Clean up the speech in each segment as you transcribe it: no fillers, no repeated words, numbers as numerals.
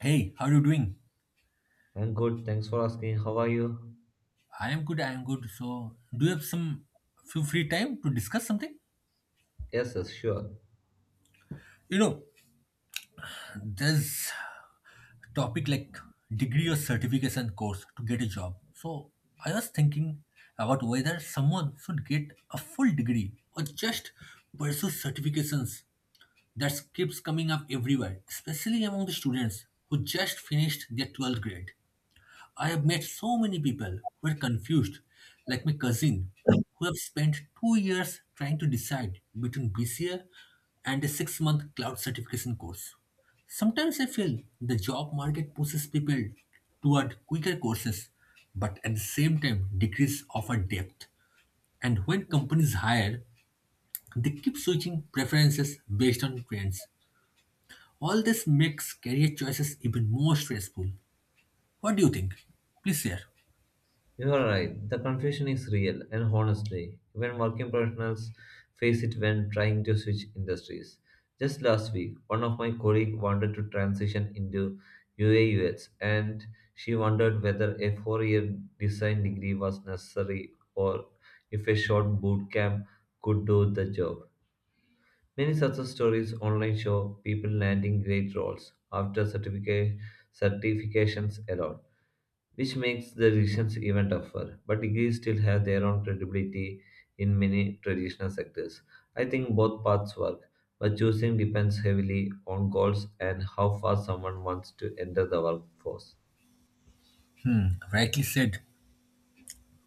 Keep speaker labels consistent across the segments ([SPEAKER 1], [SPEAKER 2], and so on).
[SPEAKER 1] Hey, how are you doing?
[SPEAKER 2] I'm good, thanks for asking. How are you?
[SPEAKER 1] I am good, I am good. So, do you have some few free time to discuss something?
[SPEAKER 2] Yes, sure.
[SPEAKER 1] You know, there's topic like degree or certification course to get a job. So, I was thinking about whether someone should get a full degree or just pursue certifications that keeps coming up everywhere, especially among the students who just finished their 12th grade. I have met so many people who are confused, like my cousin, who have spent 2 years trying to decide between BCA and a 6 month cloud certification course. Sometimes I feel the job market pushes people toward quicker courses, but at the same time, decrease offer depth. And when companies hire, they keep switching preferences based on trends. All this makes career choices even more stressful. What do you think? Please share.
[SPEAKER 2] You are right. The confusion is real, and honestly, even working professionals face it when trying to switch industries. Just last week, one of my colleagues wanted to transition into ua and she wondered whether a four-year design degree was necessary or if a short boot camp could do the job. Many success stories online show people landing great roles after certifications alone, which makes the decisions even tougher. But degrees still have their own credibility in many traditional sectors. I think both paths work, but choosing depends heavily on goals and how fast someone wants to enter the workforce.
[SPEAKER 1] Rightly said.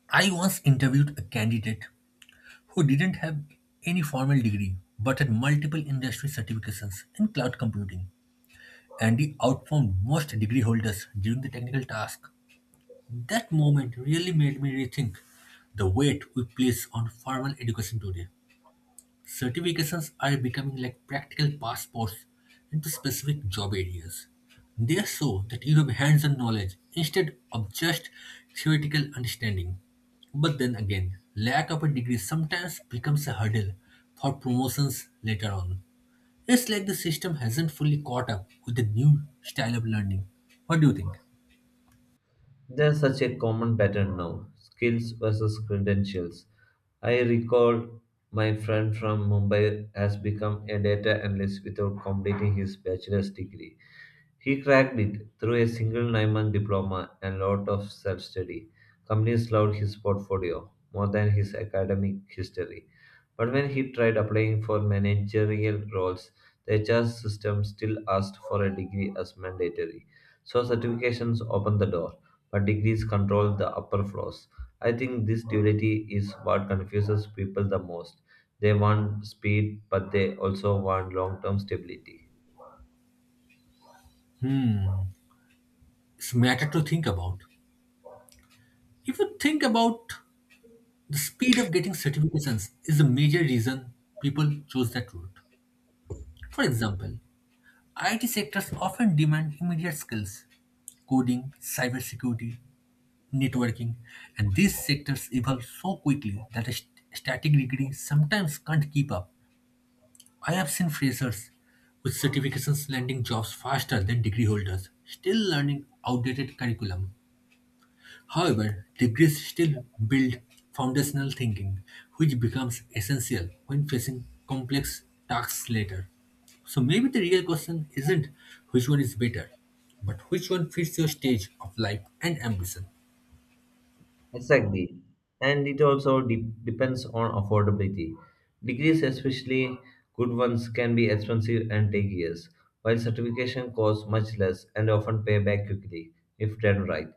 [SPEAKER 1] I once interviewed a candidate who didn't have any formal degree but had multiple industry certifications in cloud computing, and he outperformed most degree holders during the technical task. That moment really made me rethink the weight we place on formal education today. Certifications are becoming like practical passports into specific job areas. They show that you have hands on knowledge instead of just theoretical understanding. But then again, lack of a degree sometimes becomes a hurdle for promotions later on. It's like the system hasn't fully caught up with the new style of learning. What do you think?
[SPEAKER 2] There's such a common pattern now skills versus credentials. I recall my friend from Mumbai has become a data analyst without completing his bachelor's degree. He cracked it through a single 9-month diploma and lot of self study. Companies loved his portfolio more than his academic history. But when he tried applying for managerial roles, the HR system still asked for a degree as mandatory. So certifications opened the door, but degrees control the upper floors. I think this duality is what confuses people the most. They want speed, but they also want long term stability.
[SPEAKER 1] Hmm, it's matter to think about. If you think about the speed of getting certifications is a major reason people choose that route. For example, IT sectors often demand immediate skills coding, cybersecurity, networking, and these sectors evolve so quickly that a static degree sometimes can't keep up. I have seen freshers with certifications landing jobs faster than degree holders, still learning outdated curriculum. However, degrees still build foundational thinking, which becomes essential when facing complex tasks later. So maybe the real question isn't which one is better, but which one fits your stage of life and ambition.
[SPEAKER 2] Exactly. And it also depends on affordability. Degrees, especially good ones, can be expensive and take years, while certification costs much less and often pay back quickly if done right.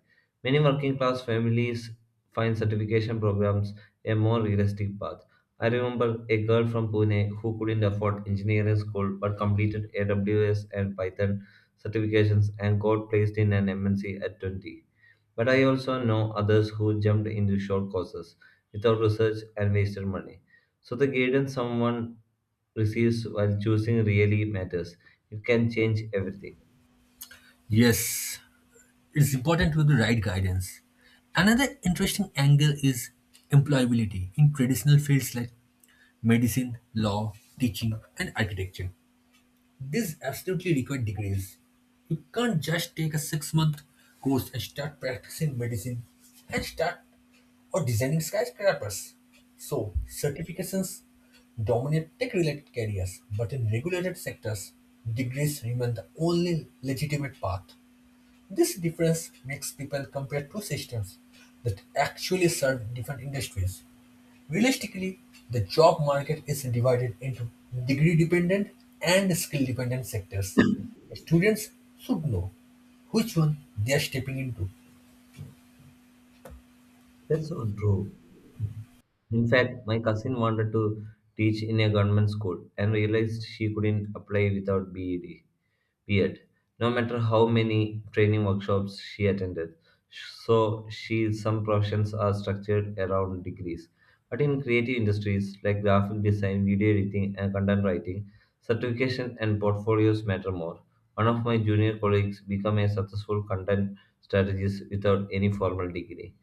[SPEAKER 2] Many working class families find certification programs a more realistic path. I remember a girl from Pune who couldn't afford engineering school but completed AWS and Python certifications and got placed in an MNC at 20. But I also know others who jumped into short courses without research and wasted money. So the guidance someone receives while choosing really matters. It can change everything.
[SPEAKER 1] Yes, it's important with the right guidance. Another interesting angle is employability in traditional fields like medicine, law, teaching, and architecture. This absolutely required degrees. You can't just take a 6 month course and start practicing medicine and start or designing skyscrapers. So, certifications dominate tech related careers, but in regulated sectors, degrees remain the only legitimate path. This difference makes people compare two systems that actually serve different industries. Realistically, the job market is divided into degree-dependent and skill-dependent sectors. Students should know which one they are stepping into.
[SPEAKER 2] That's so true. In fact, my cousin wanted to teach in a government school and realized she couldn't apply without BEd, weird, no matter how many training workshops she attended. So she some professions are structured around degrees. But in creative industries like graphic design, video editing, and content writing, certification and portfolios matter more. One of my junior colleagues became a successful content strategist without any formal degree.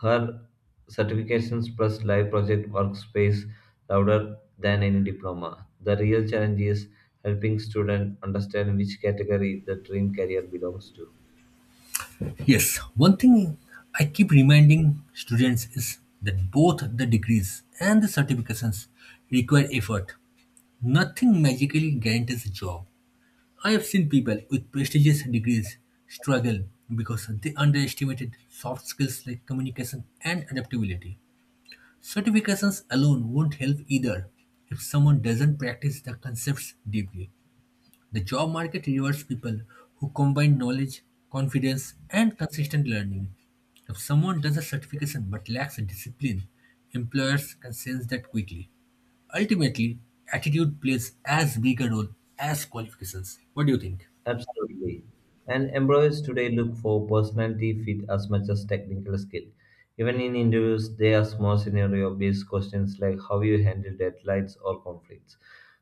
[SPEAKER 2] Her certifications plus live project workspace louder than any diploma. The real challenge is helping students understand which category the dream career belongs to.
[SPEAKER 1] Yes, one thing I keep reminding students is that both the degrees and the certifications require effort. Nothing magically guarantees a job. I have seen people with prestigious degrees struggle because they underestimated soft skills like communication and adaptability. Certifications alone won't help either if someone doesn't practice the concepts deeply. The job market rewards people who combine knowledge, confidence, and consistent learning. If someone does a certification but lacks discipline, employers can sense that quickly. Ultimately, attitude plays as big a role as qualifications. What do you think?
[SPEAKER 2] Absolutely. And employers today look for personality fit as much as technical skill. Even in interviews, they ask more scenario based questions like how you handle deadlines or conflicts.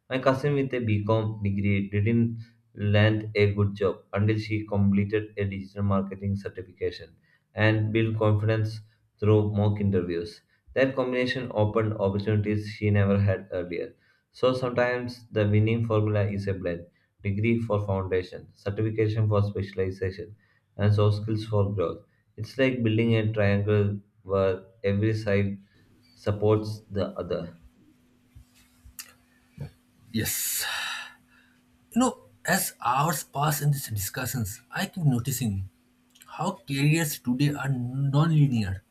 [SPEAKER 2] My cousin with a B.Com. degree didn't land a good job until she completed a digital marketing certification and built confidence through mock interviews. That combination opened opportunities she never had earlier. So sometimes the winning formula is a blend degree for foundation, certification for specialization, and soft skills for growth. It's like building a triangle where every side supports the other.
[SPEAKER 1] Yes. You know, as hours pass in these discussions, I keep noticing how careers today are non-linear.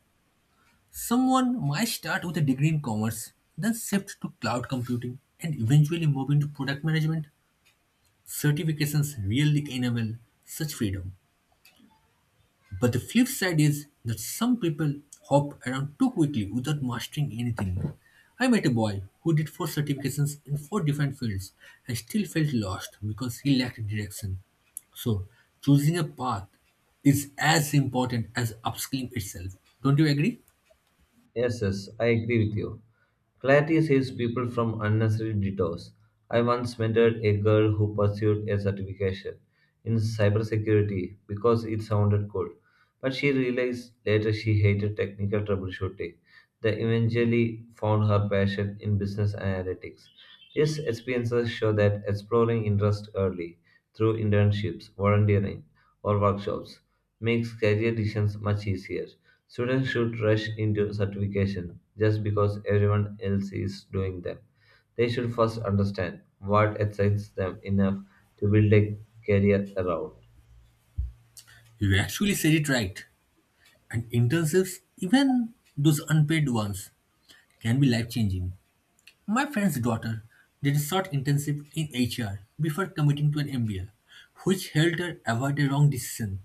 [SPEAKER 1] Someone might start with a degree in commerce, then shift to cloud computing, and eventually move into product management. Certifications really enable such freedom. But the flip side is that some people hop around too quickly without mastering anything. I met a boy who did 4 certifications in 4 different fields and still felt lost because he lacked direction. So, choosing a path is as important as upskilling itself. Don't you agree?
[SPEAKER 2] Yes, I agree with you. Clarity saves people from unnecessary detours. I once mentored a girl who pursued a certification in cybersecurity because it sounded cool, but she realized later she hated technical troubleshooting. They eventually found her passion in business analytics. These experiences show that exploring interest early through internships, volunteering, or workshops makes career decisions much easier. Students should rush into certification just because everyone else is doing them. They should first understand what excites them enough to build a career around.
[SPEAKER 1] You actually said it right. And internships, even those unpaid ones, can be life changing. My friend's daughter did a short internship in HR before committing to an MBA, which helped her avoid a wrong decision.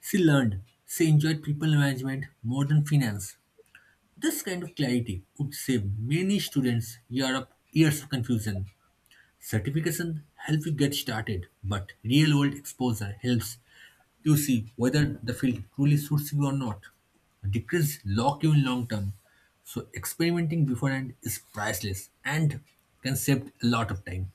[SPEAKER 1] She learned she enjoyed people management more than finance. This kind of clarity would save many students years of confusion. Certification helps you get started, but real world exposure helps you see whether the field truly suits you or not. Degrees lock you in long term, so experimenting beforehand is priceless and can save a lot of time.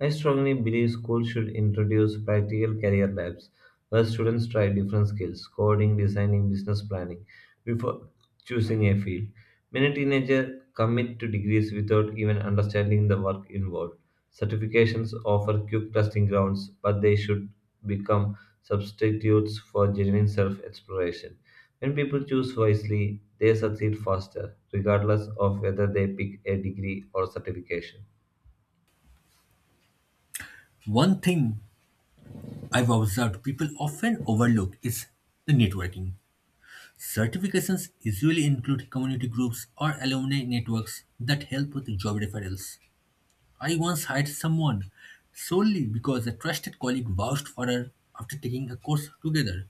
[SPEAKER 2] I strongly believe schools should introduce practical career labs where students try different skills coding, designing, business planning before choosing a field. Many teenagers commit to degrees without even understanding the work involved. Certifications offer quick testing grounds, but they should become substitutes for genuine self exploration. When people choose wisely, they succeed faster, regardless of whether they pick a degree or certification.
[SPEAKER 1] One thing I've observed people often overlook is the networking. Certifications usually include community groups or alumni networks that help with job referrals. I once hired someone solely because a trusted colleague vouched for her after taking a course together.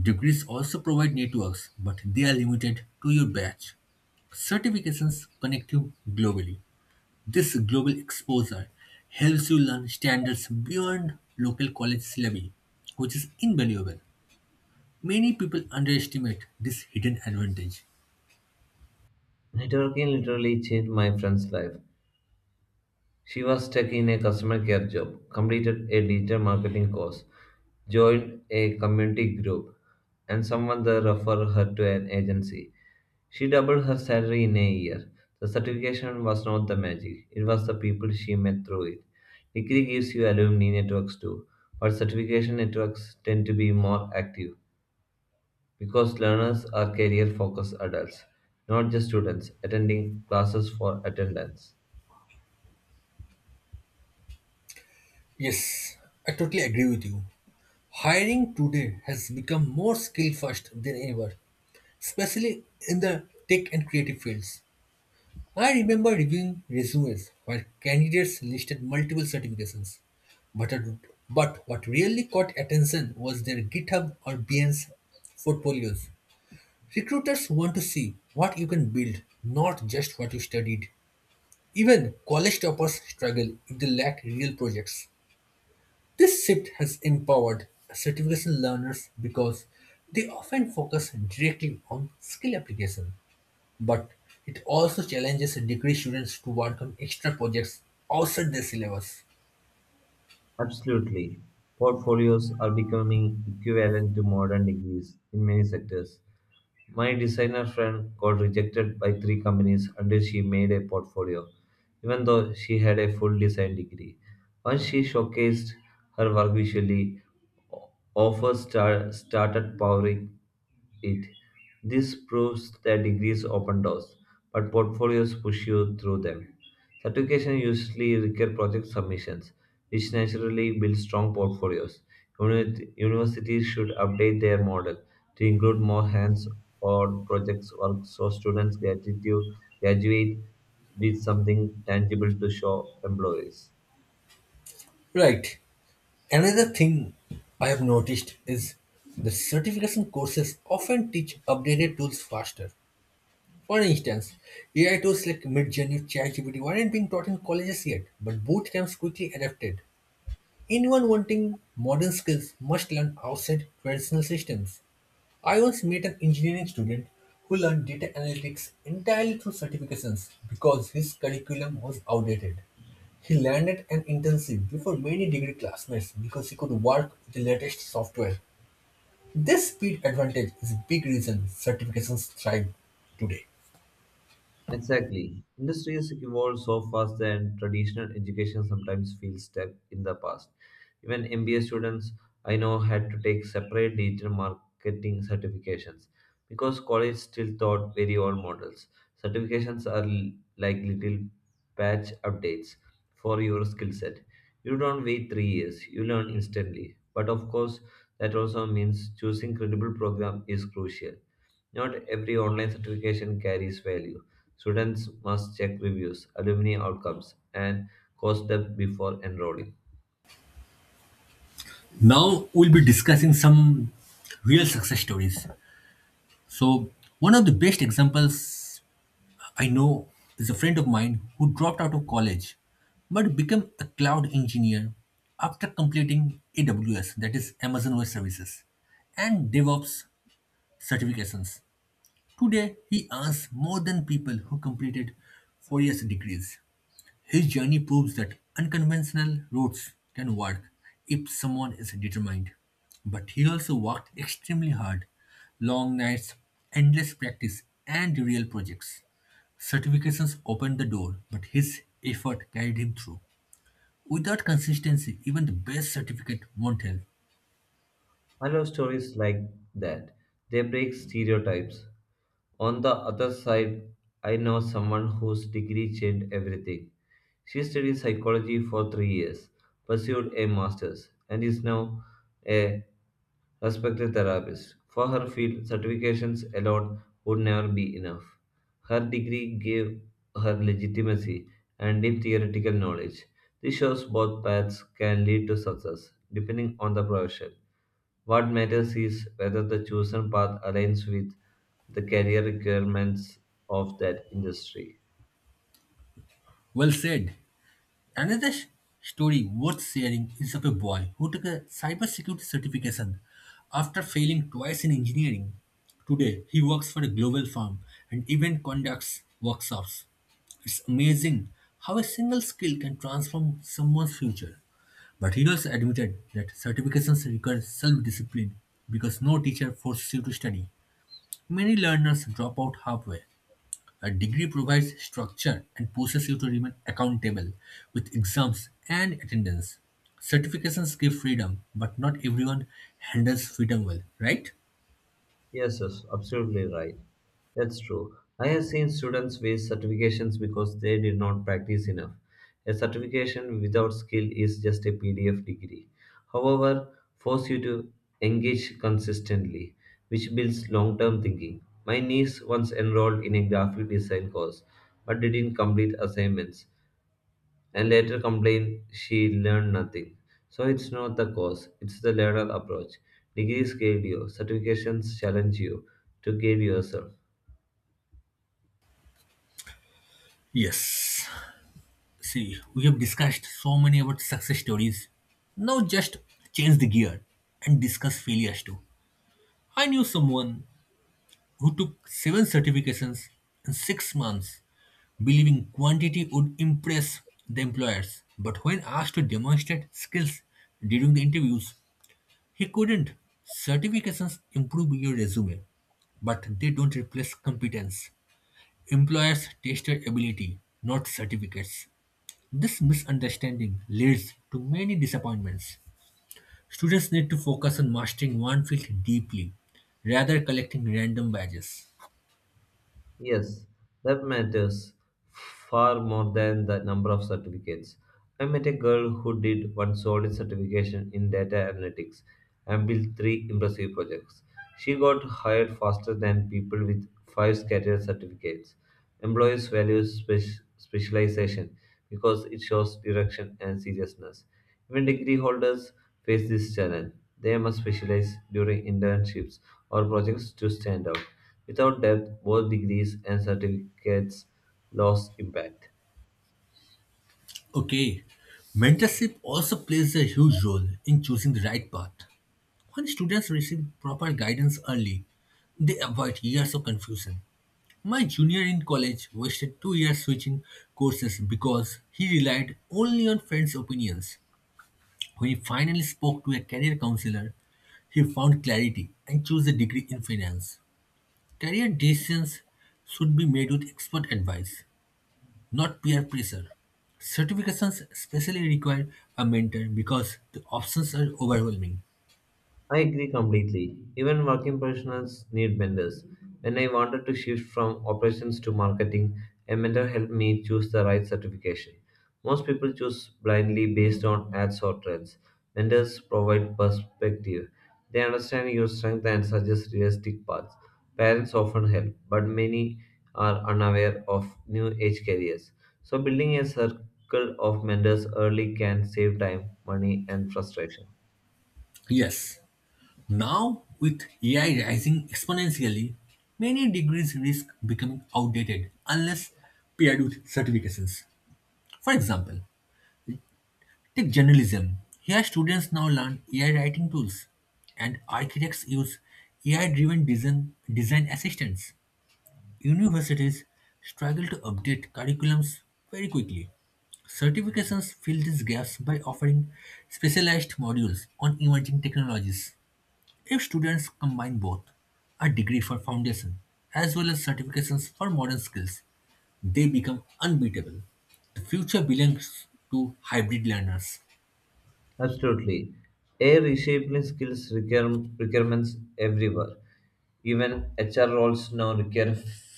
[SPEAKER 1] Degrees also provide networks, but they are limited to your batch. Certifications connect you globally. This global exposure helps you learn standards beyond local college syllabi, which is invaluable. Many people underestimate this hidden advantage.
[SPEAKER 2] Networking literally changed my friend's life. She was stuck in a customer care job, completed a digital marketing course, joined a community group, and someone there referred her to an agency. She doubled her salary in a year. The certification was not the magic, it was the people she met through it. Degree gives you alumni networks too, but certification networks tend to be more active. Because learners are career focused adults, not just students attending classes for attendance.
[SPEAKER 1] Yes, I totally agree with you. Hiring today has become more skill first than ever, especially in the tech and creative fields. I remember reviewing resumes where candidates listed multiple certifications, but, but what really caught attention was their GitHub or Behance portfolios. Recruiters want to see what you can build, not just what you studied. Even college toppers struggle if they lack real projects. This shift has empowered certification learners because they often focus directly on skill application, but it also challenges degree students to work on extra projects outside their syllabus.
[SPEAKER 2] Absolutely. Portfolios are becoming equivalent to modern degrees in many sectors. My designer friend got rejected by three companies until she made a portfolio, even though she had a full design degree. Once she showcased her work visually, offers started powering it. This proves that degrees open doors, but portfolios push you through them. Certification usually require project submissions, which naturally build strong portfolios. Universities should update their model to include more hands-on projects work so students gratitude graduate with something tangible to show employees.
[SPEAKER 1] Right. Another thing I have noticed is the certification courses often teach updated tools faster. For instance, AI tools like Midjourney, ChatGPT weren't being taught in colleges yet, but boot camps quickly adapted. Anyone wanting modern skills must learn outside traditional systems. I once met an engineering student who learned data analytics entirely through certifications because his curriculum was outdated. He landed an internship before many degree classmates because he could work with the latest software. This speed advantage is a big reason certifications thrive today.
[SPEAKER 2] Exactly. Industries evolve so fast that traditional education sometimes feels stuck in the past. Even MBA students I know had to take separate digital marketing certifications because college still taught very old models. Certifications are like little patch updates for your skill set. You don't wait 3 years, you learn instantly. But of course, that also means choosing credible program is crucial. Not every online certification carries value. Students must check reviews, alumni outcomes, and course them before enrolling.
[SPEAKER 1] Now we'll be discussing some real success stories. So one of the best examples I know is a friend of mine who dropped out of college but became a cloud engineer after completing AWS, that is Amazon Web Services, and DevOps certifications. Today, he earns more than people who completed 4 years degrees. His journey proves that unconventional routes can work if someone is determined. But he also worked extremely hard, long nights, endless practice, and real projects. Certifications opened the door, but his effort carried him through. Without consistency, even the best certificate won't help.
[SPEAKER 2] I love stories like that. They break stereotypes. On the other side, I know someone whose degree changed everything. She studied psychology for 3 years, pursued a master's, and is now a respected therapist. For her field, certifications alone would never be enough. Her degree gave her legitimacy and deep theoretical knowledge. This shows both paths can lead to success, depending on the profession. What matters is whether the chosen path aligns with the career requirements of that industry.
[SPEAKER 1] Well said. Another story worth sharing is of a boy who took a cybersecurity certification after failing twice in engineering. Today, he works for a global firm and even conducts workshops. It's amazing how a single skill can transform someone's future. But he also admitted that certifications require self discipline because no teacher forces you to study. Many learners drop out halfway. A degree provides structure and pushes you to remain accountable with exams and attendance. Certifications give freedom, but not everyone handles freedom well, right?
[SPEAKER 2] Yes, absolutely right. That's true. I have seen students waste certifications because they did not practice enough. A certification without skill is just a PDF degree. However, force you to engage consistently, which builds long-term thinking. My niece once enrolled in a graphic design course but didn't complete assignments and later complained she learned nothing. So it's not the cause, it's the latter approach. Degrees guide you, certifications challenge you to guide yourself.
[SPEAKER 1] Yes. See, we have discussed so many about success stories. Now just change the gear and discuss failures too. I knew someone who took 7 certifications in 6 months, believing quantity would impress the employers. But when asked to demonstrate skills during the interviews, he couldn't. Certifications improve your resume, but they don't replace competence. Employers test your ability, not certificates. This misunderstanding leads to many disappointments. Students need to focus on mastering one field deeply, rather collecting random badges.
[SPEAKER 2] Yes, that matters far more than the number of certificates. I met a girl who did one solid certification in data analytics and built three impressive projects. She got hired faster than people with five scattered certificates. Employers value specialization because it shows direction and seriousness. Even degree holders face this challenge. They must specialize during internships or projects to stand out. Without depth, both degrees and certificates lose impact.
[SPEAKER 1] Okay, mentorship also plays a huge role in choosing the right path. When students receive proper guidance early, they avoid years of confusion. My junior in college wasted 2 years switching courses because he relied only on friends' opinions. When he finally spoke to a career counselor, he found clarity and chose a degree in finance. Career decisions should be made with expert advice, not peer pressure. Certifications especially require a mentor because the options are overwhelming.
[SPEAKER 2] I agree completely. Even working professionals need mentors. When I wanted to shift from operations to marketing, a mentor helped me choose the right certification. Most people choose blindly based on ads or trends. Mentors provide perspective. They understand your strength and suggest realistic paths. Parents often help, but many are unaware of new age careers. So building a circle of mentors early can save time, money, and frustration.
[SPEAKER 1] Yes. Now, with AI rising exponentially, many degrees risk becoming outdated unless paired with certifications. For example, take journalism. Here, students now learn AI writing tools, and architects use AI driven design assistants. Universities struggle to update curriculums very quickly. Certifications fill these gaps by offering specialized modules on emerging technologies. If students combine both, a degree for foundation as well as certifications for modern skills, they become unbeatable. The future belongs to hybrid learners.
[SPEAKER 2] Absolutely. AI reshaping skills requirements everywhere. Even HR roles now require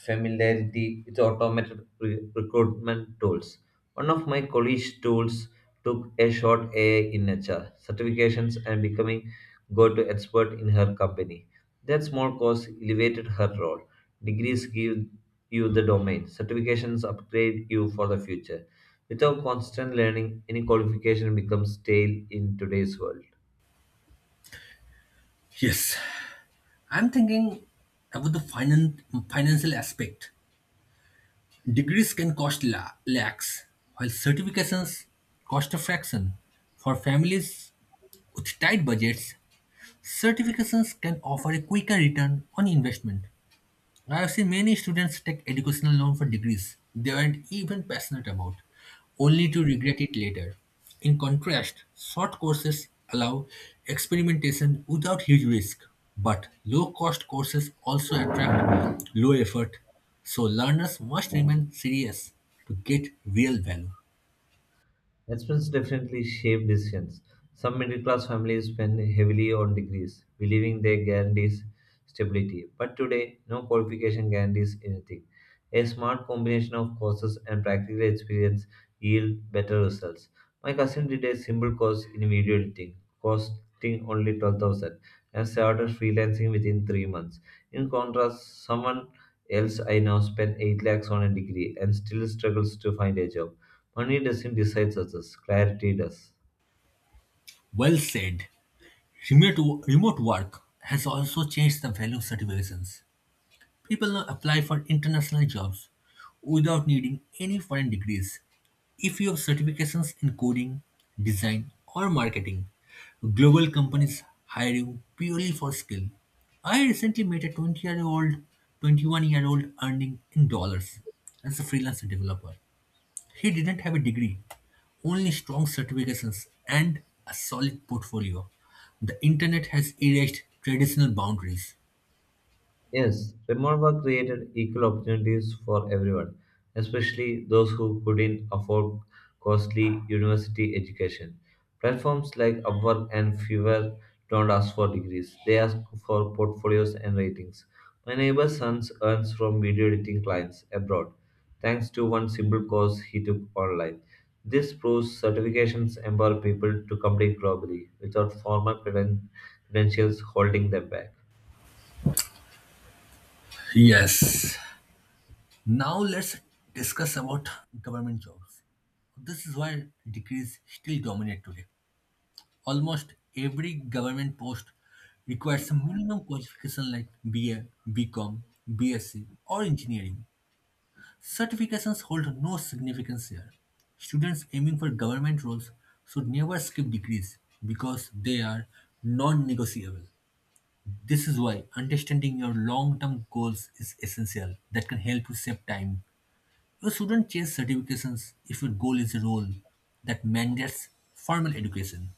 [SPEAKER 2] familiarity with automated recruitment tools. One of my colleagues' tools took a short AI in HR certifications and becoming go-to expert in her company. That small course elevated her role. Degrees give you the domain. Certifications upgrade you for the future. Without constant learning, any qualification becomes stale in today's world.
[SPEAKER 1] Yes, I'm thinking about the financial aspect. Degrees can cost lakhs, while certifications cost a fraction. For families with tight budgets, certifications can offer a quicker return on investment. I have seen many students take educational loan for degrees they weren't even passionate about, only to regret it later. In contrast, short courses allow experimentation without huge risk, but low cost courses also attract low effort, so learners must remain serious to get real value.
[SPEAKER 2] Expense definitely shape decisions. Some middle class families spend heavily on degrees, believing they guarantees stability. But today, no qualification guarantees anything. A smart combination of courses and practical experience yield better results. My cousin did a simple course in video editing, costing only 12,000, and started freelancing within 3 months. In contrast, someone else I know spent 8 lakhs on a degree and still struggles to find a job. Money doesn't decide success, clarity does.
[SPEAKER 1] Well said. Remote work has also changed the value of certifications. People now apply for international jobs without needing any foreign degrees. If you have certifications in coding, design, or marketing, global companies hire you purely for skill. I recently met a 20-year-old year old, 21-year-old year old earning in dollars as a freelance developer. He didn't have a degree, only strong certifications and a solid portfolio. The internet has erased traditional boundaries.
[SPEAKER 2] Yes, remote work created equal opportunities for everyone, especially those who couldn't afford costly university education. Platforms like Upwork and Fiverr don't ask for degrees, they ask for portfolios and ratings. My neighbor's son earns from video editing clients abroad, thanks to one simple course he took online. This proves certifications empower people to compete globally without formal credentials holding them back.
[SPEAKER 1] Yes. Now let's discuss about government jobs. This is why degrees still dominate today. Almost every government post requires a minimum qualification like BA, BCom, BSc, or engineering. Certifications hold no significance here. Students aiming for government roles should never skip degrees because they are non-negotiable. This is why understanding your long-term goals is essential that can help you save time. You shouldn't chase certifications if your goal is a role that mandates formal education.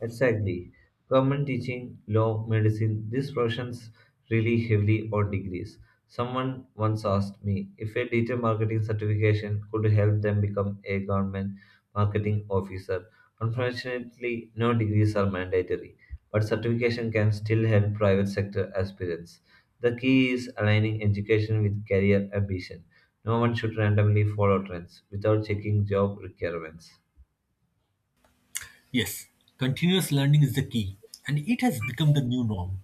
[SPEAKER 2] Exactly. Government teaching, law, medicine, these professions really heavily on degrees. Someone once asked me if a digital marketing certification could help them become a government marketing officer. Unfortunately, no degrees are mandatory, but certification can still help private sector aspirants. The key is aligning education with career ambition. No one should randomly follow trends without checking job requirements.
[SPEAKER 1] Yes, continuous learning is the key, and it has become the new norm.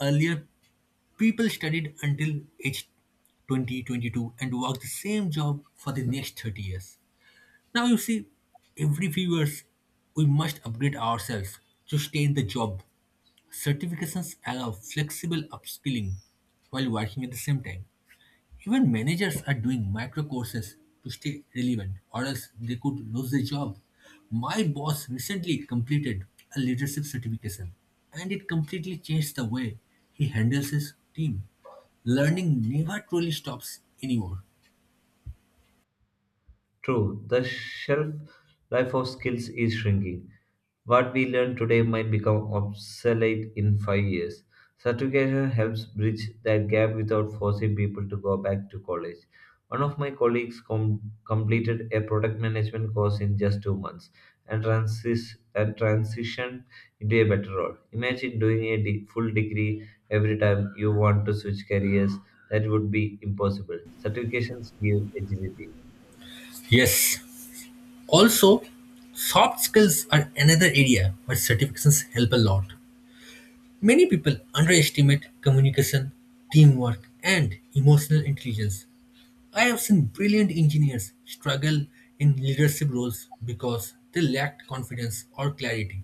[SPEAKER 1] Earlier, people studied until age 20, 22 and worked the same job for the next 30 years. Now you see, every few years, we must upgrade ourselves to stay in the job. Certifications allow flexible upskilling while working at the same time. Even managers are doing micro courses to stay relevant, or else they could lose their job. My boss recently completed a leadership certification, and it completely changed the way he handles his team. Learning never truly stops anymore.
[SPEAKER 2] True, the shelf life of skills is shrinking. What we learn today might become obsolete in 5 years. Certification helps bridge that gap without forcing people to go back to college. One of my colleagues completed a product management course in just 2 months and transitioned into a better role. Imagine doing a full degree every time you want to switch careers. That would be impossible. Certifications give agility.
[SPEAKER 1] Yes, also, soft skills are another area where certifications help a lot. Many people underestimate communication, teamwork, and emotional intelligence. I have seen brilliant engineers struggle in leadership roles because they lacked confidence or clarity.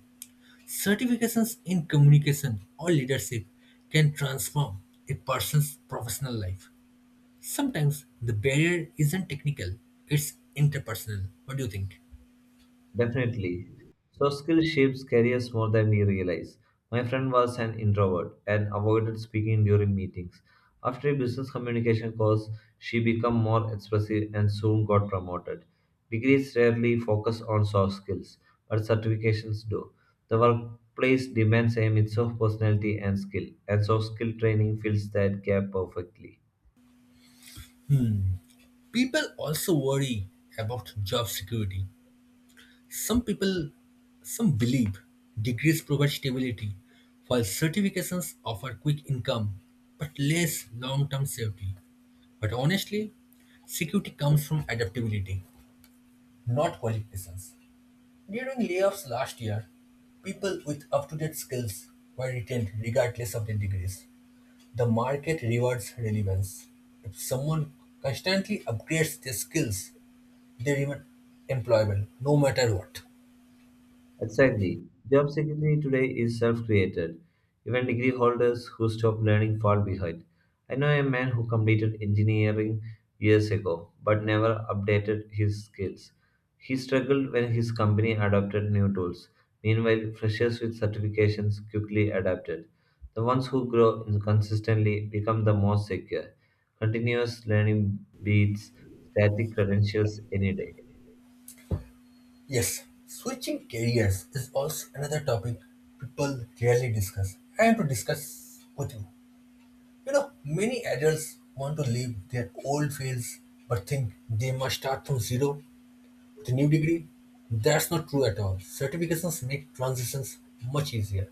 [SPEAKER 1] Certifications in communication or leadership can transform a person's professional life. Sometimes the barrier isn't technical, it's interpersonal. What do you think?
[SPEAKER 2] Definitely. So, skills shapes careers more than we realize. My friend was an introvert and avoided speaking during meetings. After a business communication course, she became more expressive and soon got promoted. Degrees rarely focus on soft skills, but certifications do. The workplace demands a mix of personality and skill, and soft skill training fills that gap perfectly.
[SPEAKER 1] Hmm. People also worry about job security. Some people, some believe degrees provide stability, while certifications offer quick income but less long term safety. But honestly, security comes from adaptability, not qualifications. During layoffs last year, people with up to date skills were retained regardless of their degrees. The market rewards relevance. If someone constantly upgrades their skills, they remain employable no matter what.
[SPEAKER 2] Exactly. Job security today is self created. Even degree holders who stop learning fall behind. I know a man who completed engineering years ago but never updated his skills. He struggled when his company adopted new tools. Meanwhile, freshers with certifications quickly adapted. The ones who grow consistently become the most secure. Continuous learning beats static credentials any day.
[SPEAKER 1] Yes, switching careers is also another topic people rarely discuss. I am to discuss with you. You know, many adults want to leave their old fields but think they must start from zero the new degree? That's not true at all. Certifications make transitions much easier.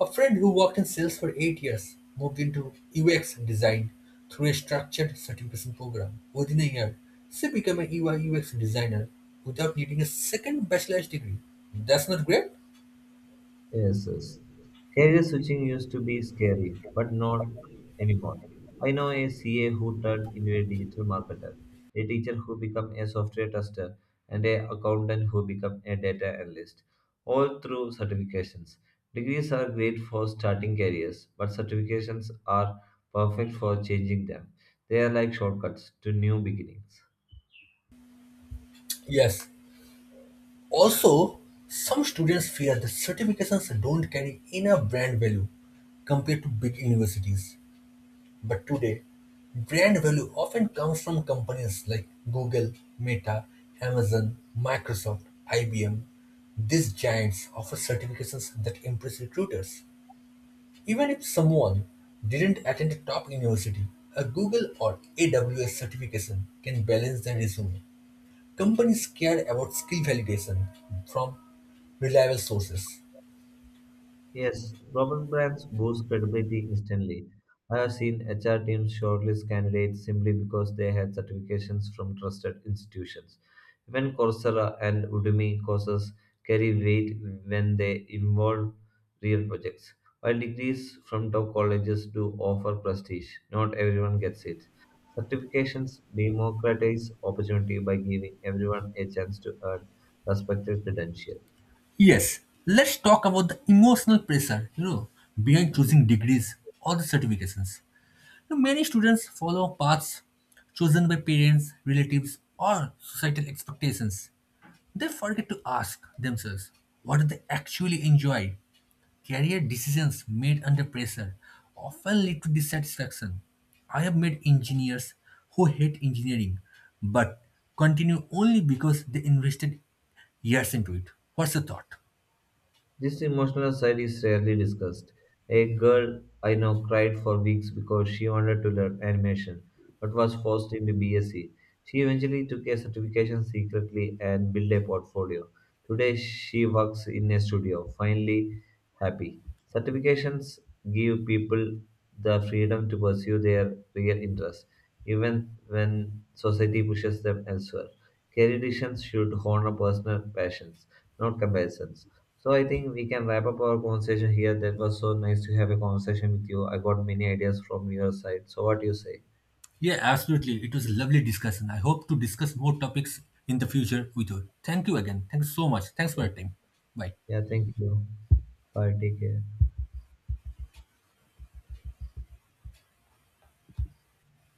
[SPEAKER 1] A friend who worked in sales for 8 years moved into UX design through a structured certification program. Within a year, she became a UI UX designer without needing a second bachelor's degree. That's not great?
[SPEAKER 2] Yes. Career switching used to be scary, but not anymore. I know a CA who turned into a digital marketer, a teacher who became a software tester, and a accountant who became a data analyst, all through certifications. Degrees are great for starting careers, but certifications are perfect for changing them. They are like shortcuts to new beginnings.
[SPEAKER 1] Yes. Also, some students fear that certifications don't carry enough brand value compared to big universities. But today, brand value often comes from companies like Google, Meta, Amazon, Microsoft, IBM. These giants offer certifications that impress recruiters. Even if someone didn't attend a top university, a Google or AWS certification can balance their resume. Companies care about skill validation from reliable sources.
[SPEAKER 2] Yes, Robert brands boost credibility instantly. I have seen HR teams shortlist candidates simply because they had certifications from trusted institutions. Even Coursera and Udemy courses carry weight when they involve real projects. While degrees from top colleges do offer prestige, not everyone gets it. Certifications democratize opportunity by giving everyone a chance to earn respected credentials.
[SPEAKER 1] Yes, let's talk about the emotional pressure, behind choosing degrees or the certifications. Many students follow paths chosen by parents, relatives, or societal expectations. They forget to ask themselves what do they actually enjoy. Career decisions made under pressure often lead to dissatisfaction. I have met engineers who hate engineering but continue only because they invested years into it. What's the thought?
[SPEAKER 2] This emotional side is rarely discussed. A girl I know cried for weeks because she wanted to learn animation but was forced into BSc. She eventually took a certification secretly and built a portfolio. Today she works in a studio, finally happy. Certifications give people the freedom to pursue their real interests, even when society pushes them elsewhere. Career decisions should honor personal passions, not comparisons. So I think we can wrap up our conversation here. That was so nice to have a conversation with you. I got many ideas from your side. So what do you say?
[SPEAKER 1] Yeah, absolutely. It was a lovely discussion. I hope to discuss more topics in the future with you. Thank you again. Thanks so much. Thanks for your time. Bye.
[SPEAKER 2] Yeah, thank you. Bye. Take care.